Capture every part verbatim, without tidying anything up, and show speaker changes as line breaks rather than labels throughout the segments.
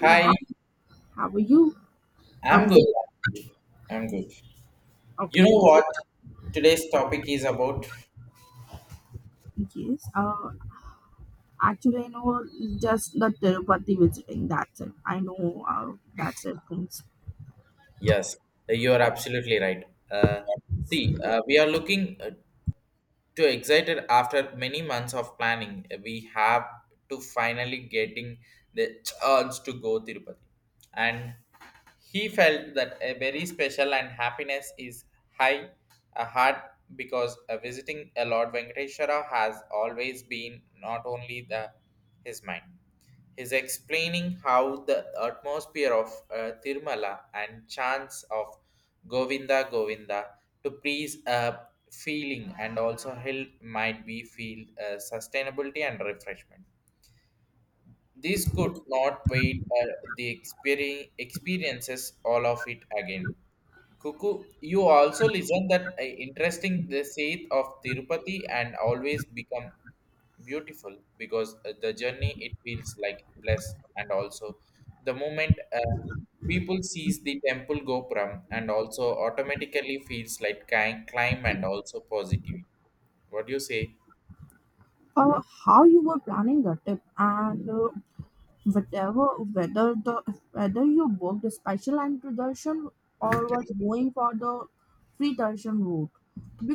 Hey, How
Hi,
how are you?
I'm
I'm
good.
good.
I'm good. You know
Okay.
what today's topic is about?
Yes. Uh, actually, I know just the Tirupati visiting. That's it. I know. Uh, that's it. Things.
Yes, you are absolutely right. Uh, See, uh, we are looking uh, too excited after many months of planning we have to finally getting the chance to go tirupati, and he felt that a very special and happiness is high a heart because uh, visiting a lord venkateshwara has always been not only the his mind. He's explaining how the atmosphere of uh, Tirumala and chants of Govinda Govinda to please a feeling and also help might be feel uh, sustainability and refreshment. These could not wait for the experi- experiences all of it again. Cuckoo, you also listen that uh, interesting the Saith of Tirupati and always become beautiful because uh, the journey it feels like blessed and also the moment, uh, people sees the temple Gopuram and also automatically feels like ki- climb and also positive. What do you say?
Uh, how you were planning the trip and uh, whatever whether the whether you booked a special entry darshan or was going for the free darshan route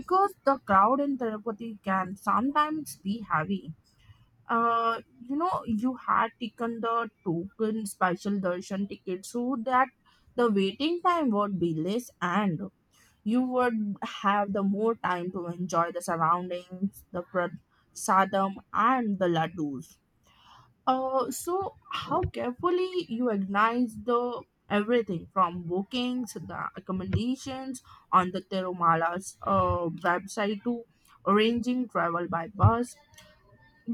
because the crowd in Tirupati can sometimes be heavy. Uh, you know, you had taken the token special darshan ticket so that the waiting time would be less and you would have the more time to enjoy the surroundings, the prasadam, and the laddus. Uh, so how carefully you organize the everything from bookings, the accommodations on the Tirumala's uh, website to arranging travel by bus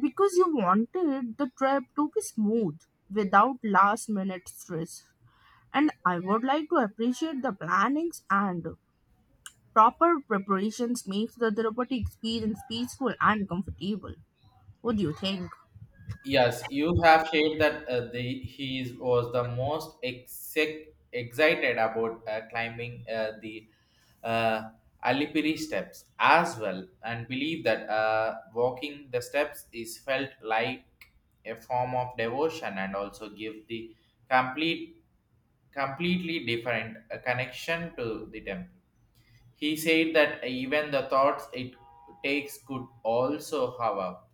because you wanted the trip to be smooth without last minute stress. And I would like to appreciate the plannings and proper preparations makes the therapeutic experience peaceful and comfortable. What do you think?
Yes, you have shared that uh, the he is- was the most exec- excited about uh, climbing uh, the uh, Alipiri steps as well, and believe that uh, walking the steps is felt like a form of devotion and also give the complete, completely different uh, connection to the temple. He said that even the thoughts it takes could also have up,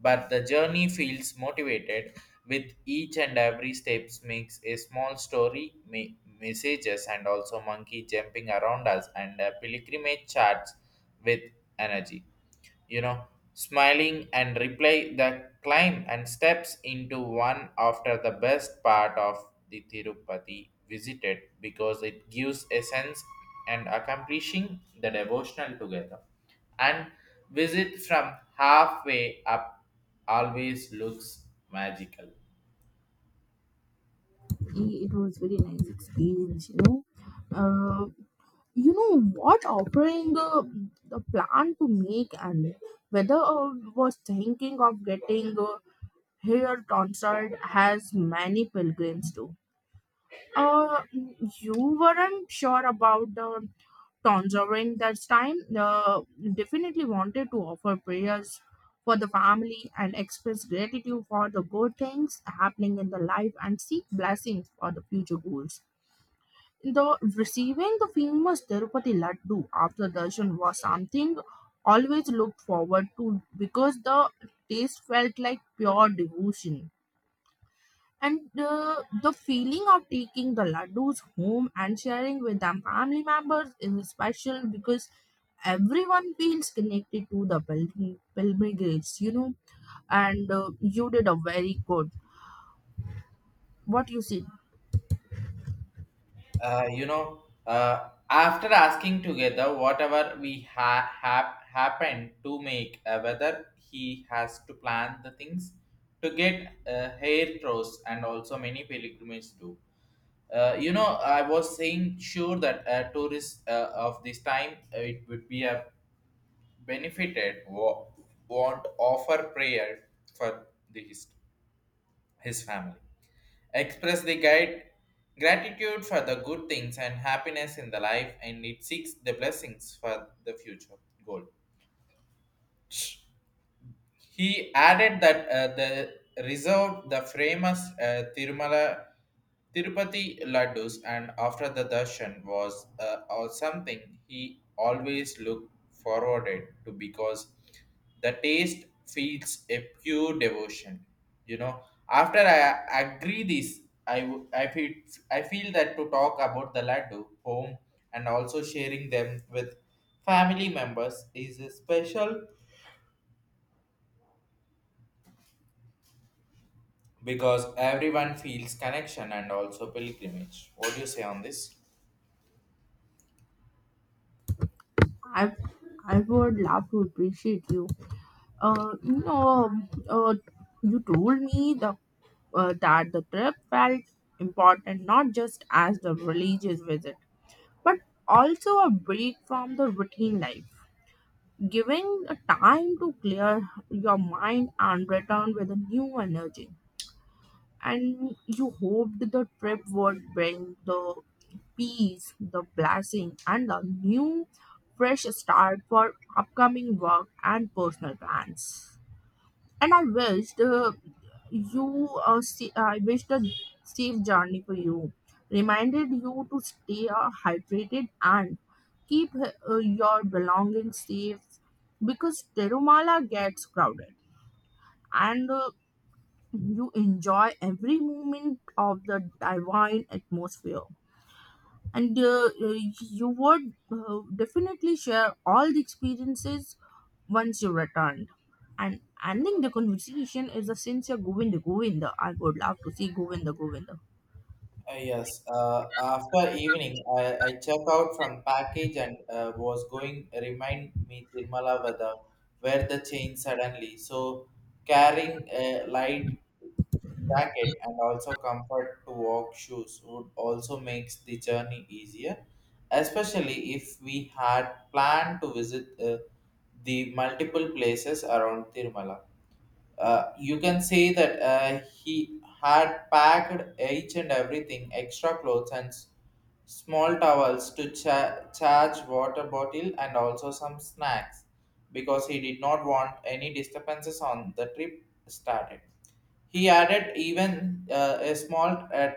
but the journey feels motivated with each and every steps makes a small story ma- messages and also monkey jumping around us and a pilgrimage charts with energy you know, smiling and reply the climb and steps into one after the best part of the Tirupati visited because it gives a sense and accomplishing the devotional together. And visit from halfway up always looks magical.
It was very nice experience. you know uh, you know what offering uh, the plan to make and whether uh, was thinking of getting uh, hair consult has many pilgrims do. Uh, you weren't sure about the tangerine that time. Uh, definitely wanted to offer prayers for the family and express gratitude for the good things happening in the life and seek blessings for the future goals. The receiving the famous Tirupati Laddu after darshan was something always looked forward to because the taste felt like pure devotion. And uh, the feeling of taking the laddus home and sharing with them family members is special because everyone feels connected to the pilgrim- pilgrimage. you know. And uh, you did a very good. What you said,
Uh, you know, uh, after asking together whatever we ha- have happened to make, uh, whether he has to plan the things to get uh, hair throws and also many pilgrimages do. Uh, you know, I was saying sure that uh, tourists uh, of this time uh, it would be a benefited wa- won't offer prayer for the history his family. Express the guide gratitude for the good things and happiness in the life and it seeks the blessings for the future goal. He added that uh, the reserved the famous uh, Tirumala, Tirupati laddus, and after the darshan was uh, or something he always looked forwarded to because the taste feels a pure devotion. You know, after I agree this, I w- I feel I feel that to talk about the laddu home and also sharing them with family members is a special because everyone feels connection and also pilgrimage. What do you say on this?
I I would love to appreciate you. Uh, you know, um, uh, you told me the uh, that the trip felt important not just as the religious visit, but also a break from the routine life, giving a time to clear your mind and return with a new energy. And you hoped the trip would bring the peace, the blessing, and the new fresh start for upcoming work and personal plans. And I wished uh, you uh, see, uh, I wished a safe journey for you. Reminded you to stay uh, hydrated and keep uh, your belongings safe because Terumala gets crowded and uh, you enjoy every moment of the divine atmosphere. And uh, uh, you would uh, definitely share all the experiences once you returned. And ending the conversation is a sincere Govinda Govinda. I would love to see Govinda Govinda.
Uh, yes. Uh, after evening, I, I check out from package and uh, was going remind me Tirmala weather where the change suddenly. So carrying a light jacket and also comfort to walk shoes would also makes the journey easier, especially if we had planned to visit uh, the multiple places around Tirmala. Uh, you can say that uh, he had packed each and everything, extra clothes and s- small towels to cha- charge water bottle and also some snacks because he did not want any disturbances on the trip started. He added even uh, a small uh,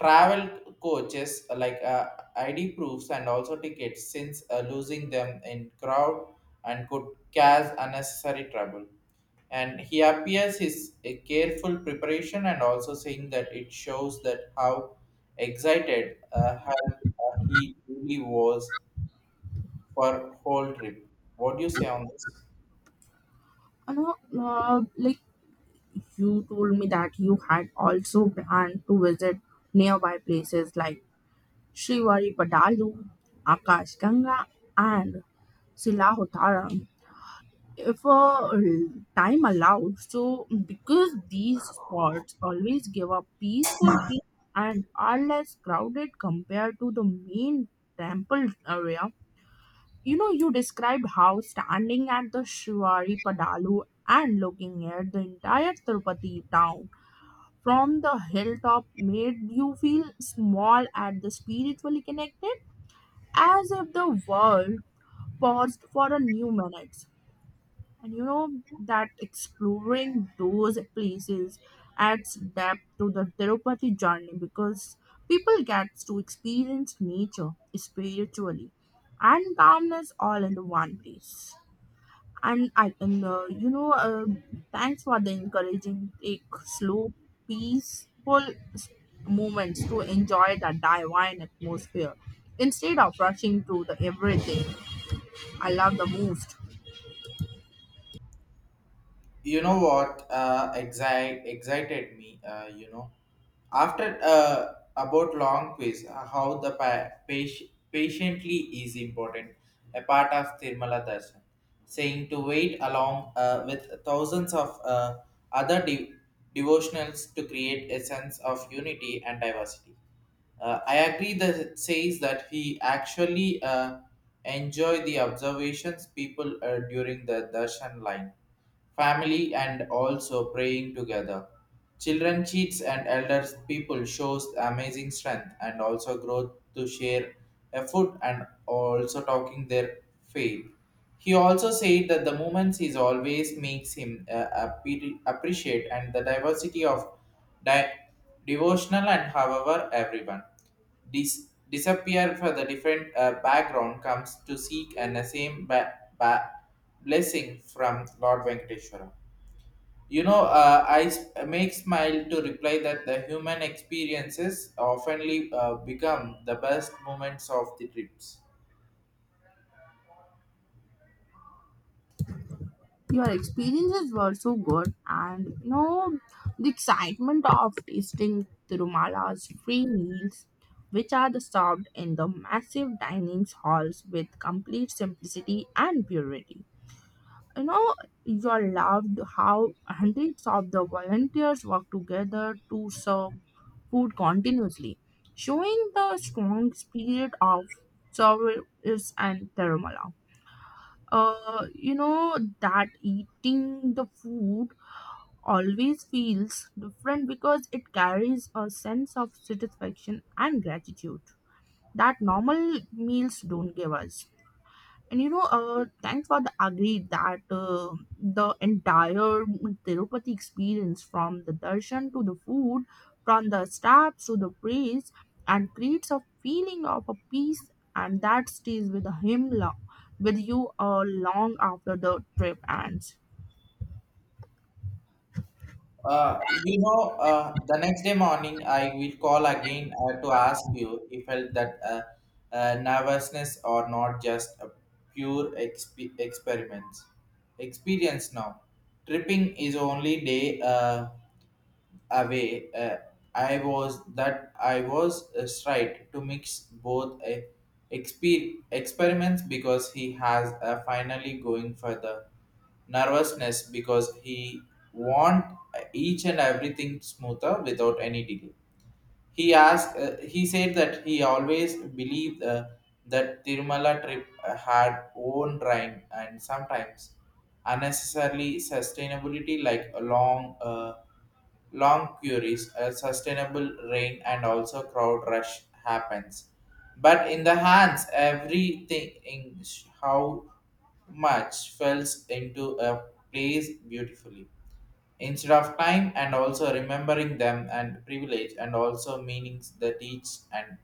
travel coaches uh, like uh, I D proofs and also tickets since uh, losing them in crowd and could cause unnecessary trouble. And he appears his a careful preparation and also saying that it shows that how excited uh, how, uh, he really was for whole trip. What do you say on this?
You know, uh, like you told me that you had also planned to visit nearby places like Srivari Padalu, Akash Ganga, and Silahotara, if uh, time allowed. So, mm, because these spots always give a peaceful feel and are less crowded compared to the main temple area, you know, you described how standing at the Shivari Padalu and looking at the entire Tirupati town from the hilltop made you feel small and the spiritually connected, as if the world paused for a new minute. And you know that exploring those places adds depth to the Tirupati journey because people get to experience nature, spiritually, and calmness all in the one place. And I and uh, you know, uh, Thanks for the encouraging take slow, peaceful s- moments to enjoy the divine atmosphere instead of rushing through the everything. I love the most.
You know what, uh, exi excited me, uh, you know, After uh, about long quiz, uh, how the pa- pati- patiently is important, a part of Tirumala Darshan, saying to wait along uh, with thousands of uh, other de- devotionals to create a sense of unity and diversity. Uh, I agree that it says that he actually uh, enjoy the observations people uh, during the darshan line, family and also praying together. Children cheats and elders people shows amazing strength and also growth to share a food and also talking their faith. He also said that the movements is always makes him uh, appre- appreciate and the diversity of di- devotional and however everyone dis- disappear for the different uh, background comes to seek and the same ba- ba- blessing from Lord Venkateshwara. You know, uh, I s- make smile to reply that the human experiences oftenly uh, become the best moments of the trips.
Your experiences were so good, and you know the excitement of tasting Tirumal's free meals, which are served in the massive dining halls with complete simplicity and purity. You know, you are loved how hundreds of the volunteers work together to serve food continuously, showing the strong spirit of service and Tirumala. Uh, you know that eating the food always feels different because it carries a sense of satisfaction and gratitude that normal meals don't give us. And you know, uh, thank God agreed that uh, the entire Tirupati experience from the darshan to the food, from the steps to the praise, and creates a feeling of a peace, and that stays with him long, with you uh, long after the trip ends.
Uh, you know, uh, the next day morning, I will call again uh, to ask you if felt that uh, uh, nervousness or not just a pure exp- experiments. Experience now. Tripping is only day. Uh, away. Uh, I was that I was uh, right to mix both uh, exper- experiments because he has uh, finally going for the nervousness because he want uh, each and everything smoother without any delay. He asked. Uh, he said that he always believed uh, that Tirumala trip uh, had own rhyme and sometimes unnecessarily sustainability like a long, uh, long queries, a sustainable rain, and also crowd rush happens. But in the hands, everything in sh- how much falls into a place beautifully instead of time and also remembering them and privilege and also meanings that teach and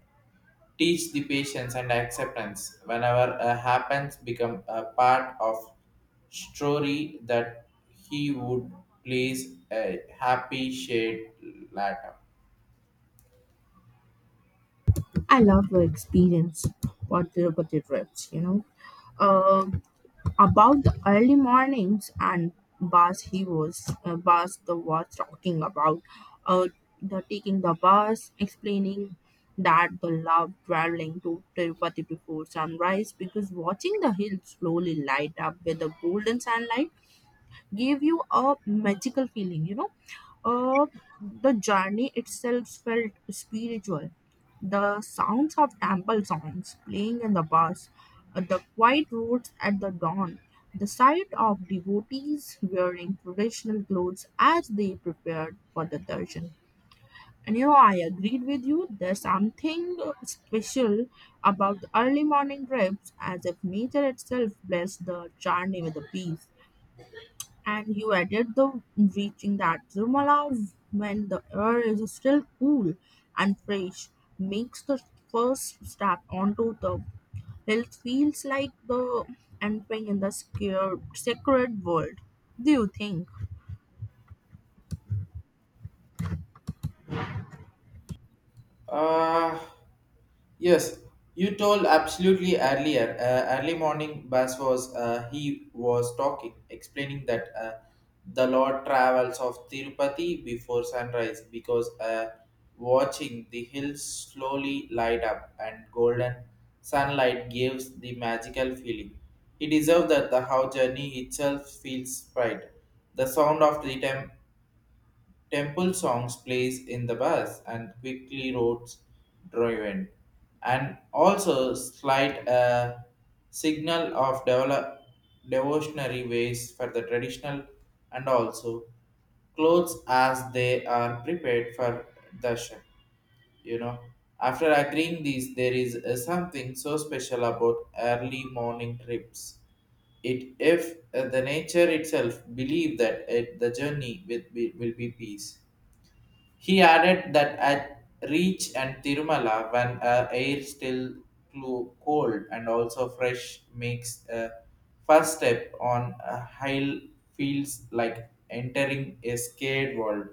teach the patience and acceptance whenever a happens become a part of story that he would place a happy shade later.
I love the experience, what the, what the trips, you know. Um, about the early mornings and bus he was uh, bus the was talking about uh, the taking the bus, explaining that the love traveling to Tirupati before sunrise because watching the hills slowly light up with the golden sunlight gave you a magical feeling. You know, uh, the journey itself felt spiritual. The sounds of temple songs playing in the bus, uh, the quiet roads at the dawn, the sight of devotees wearing traditional clothes as they prepared for the darshan. And you know, I agreed with you. There's something special about the early morning trips, as if nature itself blessed the journey with a peace. And you added the reaching that Zurmala when the air is still cool and fresh makes the first step onto the hill feels like the entering in the scared, sacred world. Do you think?
Uh, Yes, you told absolutely earlier. Uh, early morning bus was uh, he was talking, explaining that uh, the Lord travels of Tirupati before sunrise because uh, watching the hills slowly light up and golden sunlight gives the magical feeling. He deserved that the how journey itself feels pride. The sound of rhythm Temple songs plays in the bus and quickly roads driven, and also slight a signal of develop, devotionary ways for the traditional and also clothes as they are prepared for darshan. You know, after agreeing these, there is uh, something so special about early morning trips. It if uh, the nature itself believe that it, the journey will be, will be peace. He added that at Reach and Tirumala, when uh, air still clo- cold and also fresh, makes a first step on a hill feels like entering a scared world.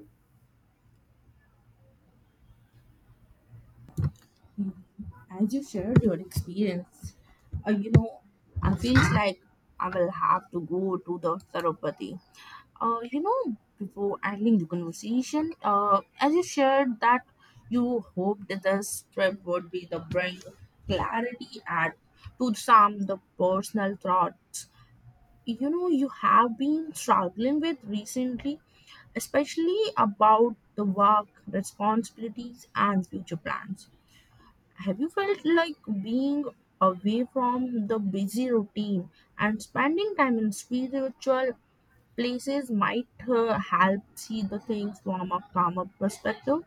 As you shared your experience, uh, you know, I feel like I will have to go to the Tirupati. Uh, you know, before ending the conversation, uh, as you shared that you hoped that this trip would be the bring clarity and to some the personal thoughts. You know, you have been struggling with recently, especially about the work, responsibilities, and future plans. Have you felt like being away from the busy routine and spending time in spiritual places might uh, help see the things from a calmer perspective?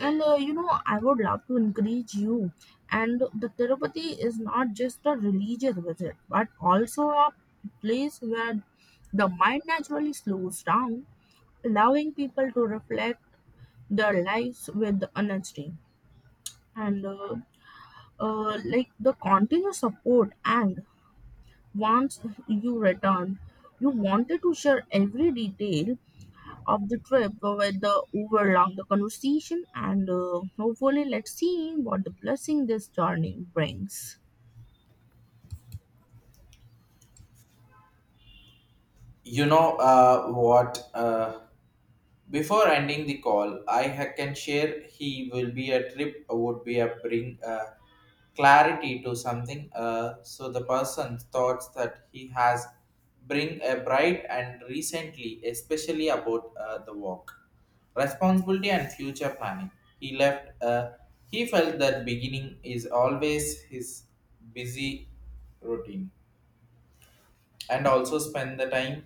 And uh, you know, I would love to encourage you. And the Tirupati is not just a religious visit, but also a place where the mind naturally slows down, allowing people to reflect their lives with honesty. And uh, uh, like the continuous support, and once you return you wanted to share every detail of the trip uh, with the overlong the conversation. And uh, hopefully let's see what the blessing this journey brings.
You know uh, what? Uh, before ending the call, I ha- can share he will be a trip uh, would be a bring uh, clarity to something. Uh, so the person thoughts that he has bring a bright and recently, especially about uh, the work, responsibility and future planning. He left. Uh, he felt that beginning is always his busy routine and also spend the time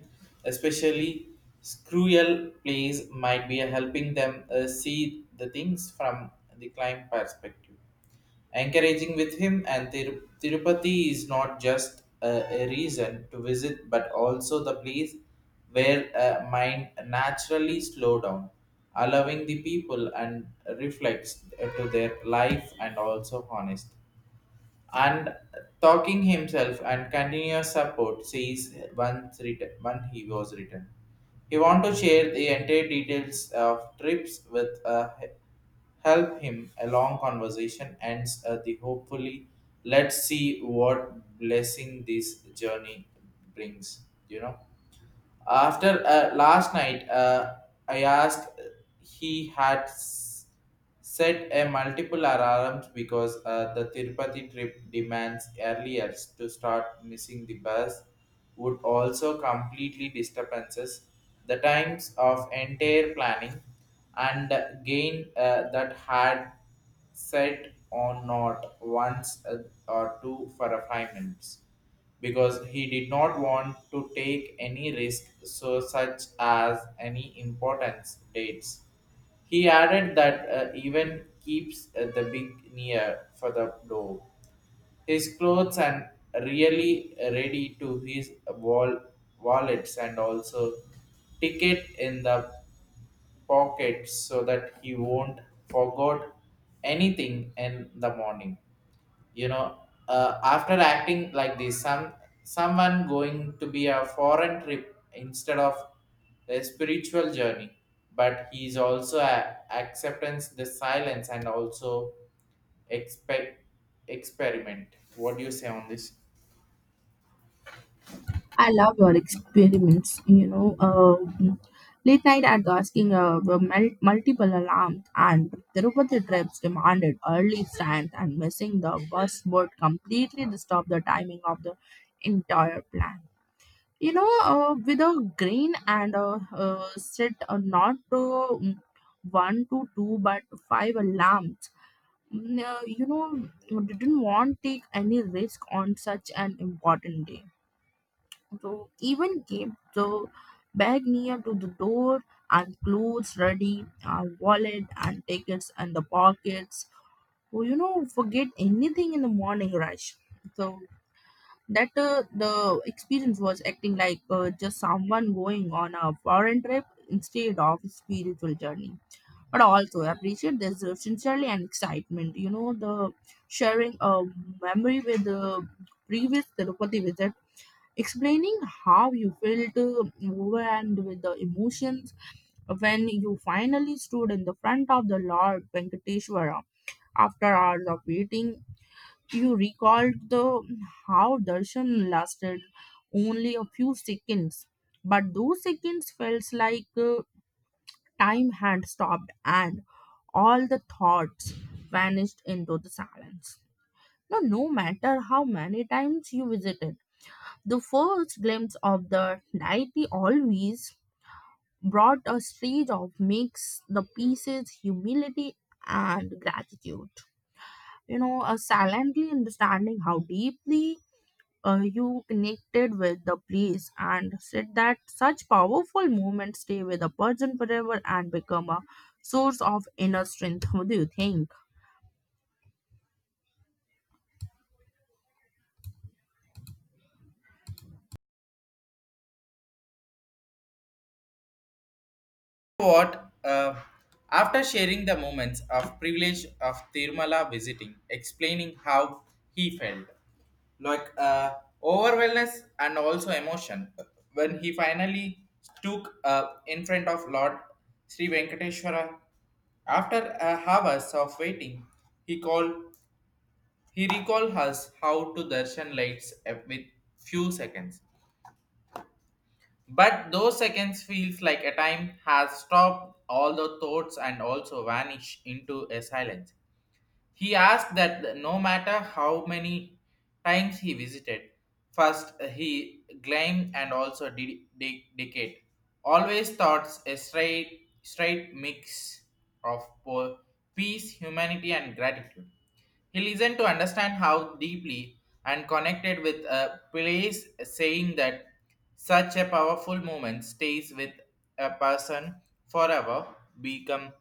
especially cruel plays might be helping them uh, see the things from the client perspective, encouraging with him. And Tir- Tirupati is not just a, a reason to visit but also the place where uh, mind naturally slow down, allowing the people and reflects uh, to their life and also honest and talking himself and continuous support sees once written when he was written. He want to share the entire details of trips with uh, help him a long conversation ends uh, the hopefully, let's see what blessing this journey brings. You know after uh, last night, uh, I asked he had s- set a multiple alarms because uh, the Tirupati trip demands earlier to start missing the bus would also completely disturbances the times of entire planning and gain uh, that had set or not once uh, or two for a five minutes because he did not want to take any risk so such as any importance dates. He added that uh, even keeps uh, the big near for the door. His clothes and really ready to his wall wallets and also ticket in the pocket so that he won't forget anything in the morning. You know uh, after acting like this some someone going to be a foreign trip instead of a spiritual journey, but he is also a, acceptance the silence and also expect experiment. What do you say on this?
I love your experiments. You know, uh, late night at the asking uh, were mul- multiple alarms and Tirupati trips demanded early strength, and missing the bus would completely disturb the timing of the entire plan. You know, uh, with a grain and a uh, set uh, not uh, mm, one to two but five alarms. Mm, uh, you know, didn't want take any risk on such an important day, so even kept the bag near to the door and clothes ready, our wallet and tickets and the pockets. Oh, you know, forget anything in the morning rush. So that uh, the experience was acting like uh, just someone going on a foreign trip instead of a spiritual journey. But also appreciate this uh, sincerely and excitement. You know, the sharing a memory with the previous Tirupati visit, explaining how you felt uh, overwhelmed with the emotions when you finally stood in the front of the Lord Venkateshwara after hours of waiting. You recalled the how darshan lasted only a few seconds, but those seconds felt like uh, time had stopped and all the thoughts vanished into the silence. Now no matter how many times you visited, the first glimpse of the deity always brought a stage of mix the pieces, humility, and gratitude. You know, uh, silently understanding how deeply uh, you connected with the place and said that such powerful moments stay with a person forever and become a source of inner strength. What do you think?
What uh, after sharing the moments of privilege of Tirumala visiting, explaining how he felt, like uh, overwhelmness and also emotion, when he finally took uh, in front of Lord Sri Venkateshwara. After uh, hours of waiting, he called. He recalled us how to darshan lights uh, with few seconds, but those seconds feels like a time has stopped all the thoughts and also vanish into a silence. He asked that no matter how many times he visited, first he climbed and also de- de- decayed. Always thoughts a straight, straight mix of po- peace, humanity, and gratitude. He listened to understand how deeply and connected with a place, saying that such a powerful moment stays with a person forever, become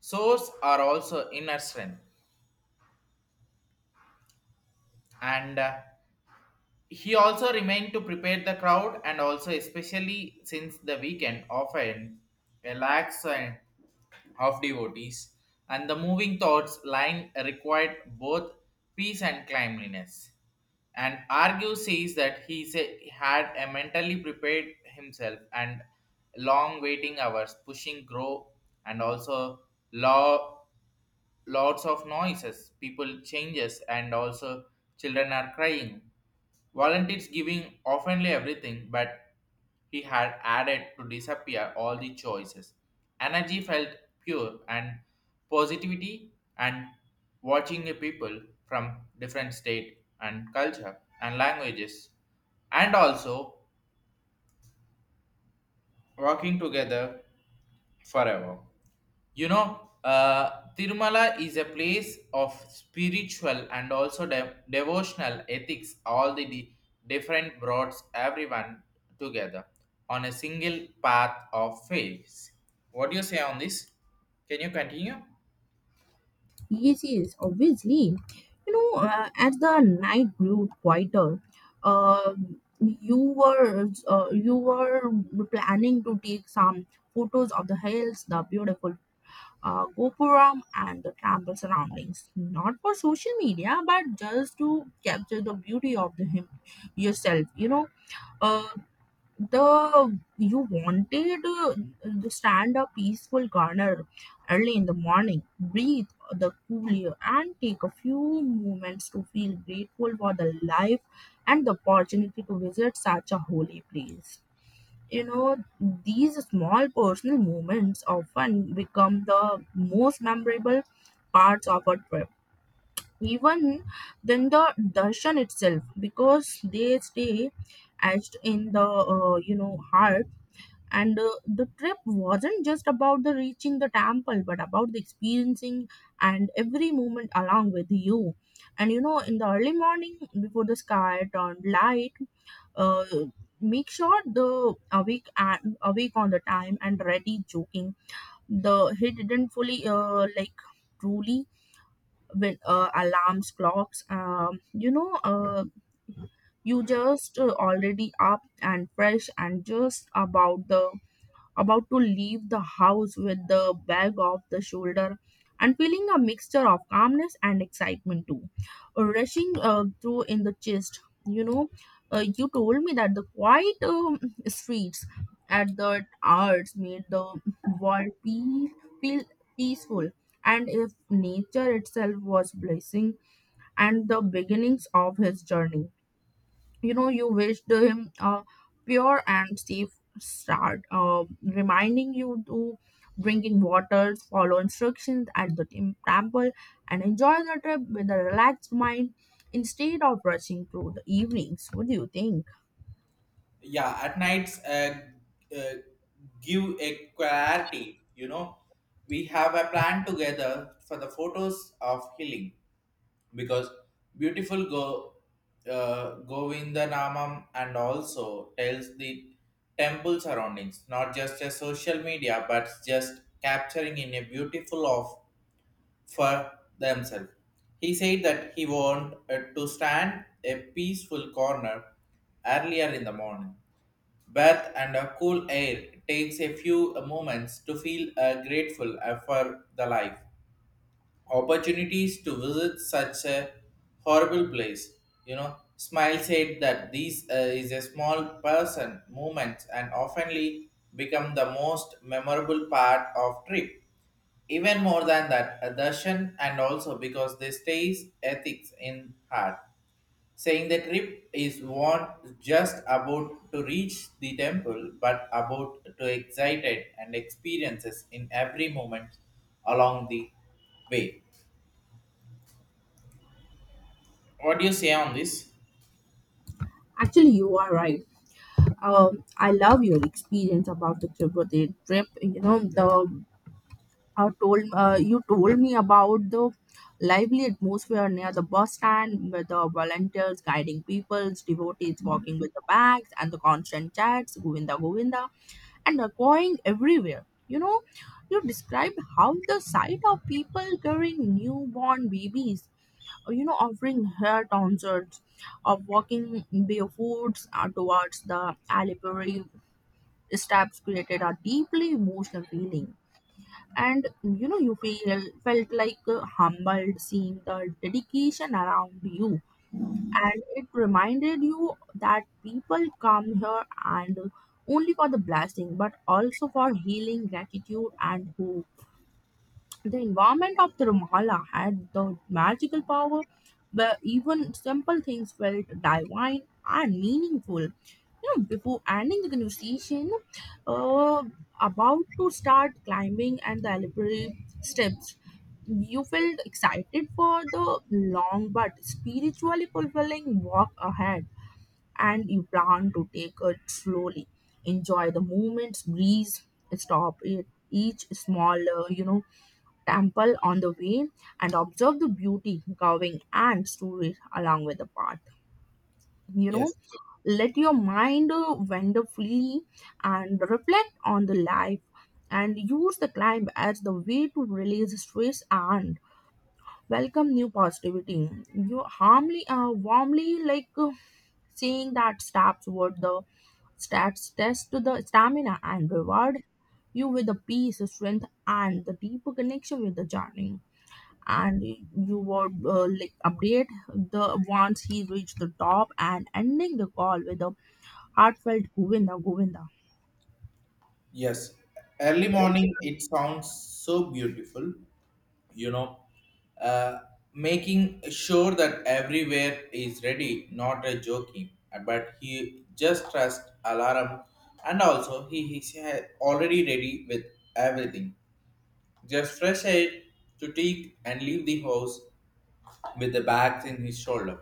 source or also inner strength. and uh, he also remained to prepare the crowd and also especially since the weekend often a lax uh, of devotees and the moving thoughts lying required both peace and cleanliness and argue says that he say, had a mentally prepared himself and long waiting hours pushing grow and also law lots of noises, people changes, and also children are crying. Volunteers giving oftenly everything, but he had added to disappear all the choices. Energy felt pure and positivity and watching the people from different state and culture and languages and also working together forever. You know, uh, Tirumala is a place of spiritual and also de- devotional ethics, all the di- different broads, everyone together on a single path of faith. What do you say on this? Can you continue?
Yes, yes, obviously. You know, uh, as the night grew quieter, uh, you were uh, you were planning to take some photos of the hills, the beautiful uh, Gopuram and the temple surroundings, not for social media, but just to capture the beauty of the him yourself. You know, uh, the you wanted uh, to stand a peaceful corner early in the morning, breathe the cool air, and take a few moments to feel grateful for the life and the opportunity to visit such a holy place. You know, these small personal moments often become the most memorable parts of a trip, even than the darshan itself, because they stay etched in the uh, you know heart. And uh, the trip wasn't just about the reaching the temple but about the experiencing and every moment along with you. And you know, in the early morning before the sky turned light, uh, make sure the awake at awake on the time and ready joking. The he didn't fully uh, like truly with uh, alarms clocks. Um, you know uh, you just uh, already up and fresh and just about the about to leave the house with the bag off the shoulder and feeling a mixture of calmness and excitement too, rushing uh, through in the chest. You know, uh, you told me that the quiet um, streets at the arts made the world feel, feel peaceful, and if nature itself was blessing and the beginnings of his journey. You know, you wished him a pure and safe start, uh, reminding you to drink in water, follow instructions at the tem- temple, and enjoy the trip with a relaxed mind instead of rushing through the evenings. What do you think?
Yeah, at nights, uh, uh, give a clarity, you know. We have a plan together for the photos of healing because beautiful go uh, Govindanamam and also tells the temple surroundings, not just a social media, but just capturing in a beautiful of for themselves. He said that he wanted to stand a peaceful corner earlier in the morning. Bath and a cool air takes a few moments to feel uh, grateful uh, for the life opportunities to visit such a horrible place. You know, Smile said that these uh, is a small person movements and oftenly become the most memorable part of trip. Even more than that, a darshan and also because they stays ethics in heart, saying the trip is not just about to reach the temple, but about to excited and experiences in every moment along the way. What do you say on this?
Actually you are right. Um, I love your experience about the trip, the trip you know. The uh, told uh, you told me about the lively atmosphere near the bus stand with the volunteers guiding people, devotees walking with the bags, and the constant chats, Govinda Govinda, and echoing everywhere. You know, you described how the sight of people carrying newborn babies, uh, you know, offering hair concerts, of walking barefoots uh, towards the Alipuri steps created a deeply emotional feeling. And you know, you feel felt like uh, humbled seeing the dedication around you, and it reminded you that people come here and only for the blessing but also for healing, gratitude, and hope. The environment of Tirumala had the magical power where even simple things felt divine and meaningful. You know, before ending the conversation, uh, about to start climbing and the elaborate steps, you felt excited for the long but spiritually fulfilling walk ahead. And you plan to take it slowly, enjoy the moments breeze, stop at each small, uh, you know temple on the way, and observe the beauty curving and stories along with the path. You know,
Yes,
let your mind uh, wander freely and reflect on the life, and use the climb as the way to release stress and welcome new positivity. You harmly uh, warmly like, uh, seeing that steps toward the stats test to the stamina and reward you with the peace, strength, and the deeper connection with the journey. And you would uh, like update the once he reached the top, and ending the call with a heartfelt Govinda Govinda.
yes. Early morning, it sounds so beautiful, you know. Uh, Making sure that everywhere is ready, not a joking. But he just trust alarm, and also he is already ready with everything. Just fresh air to take and leave the house with the bags in his shoulder,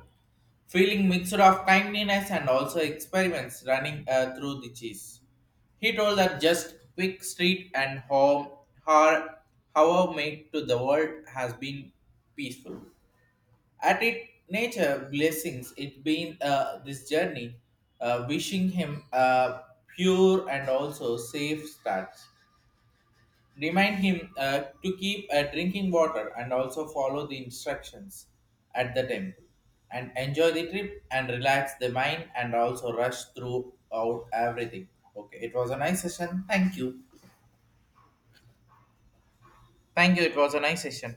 feeling mixture of kindliness and also experiments running uh, through the cheese. He told her just quick street and home her however made to the world has been peaceful. At it nature blessings it been uh, this journey, uh, wishing him a pure and also safe starts. Remind him uh, to keep uh, drinking water and also follow the instructions at the temple and enjoy the trip and relax the mind and also rush throughout everything. Okay, it was a nice session. Thank you. Thank you. It was a nice session.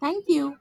Thank you.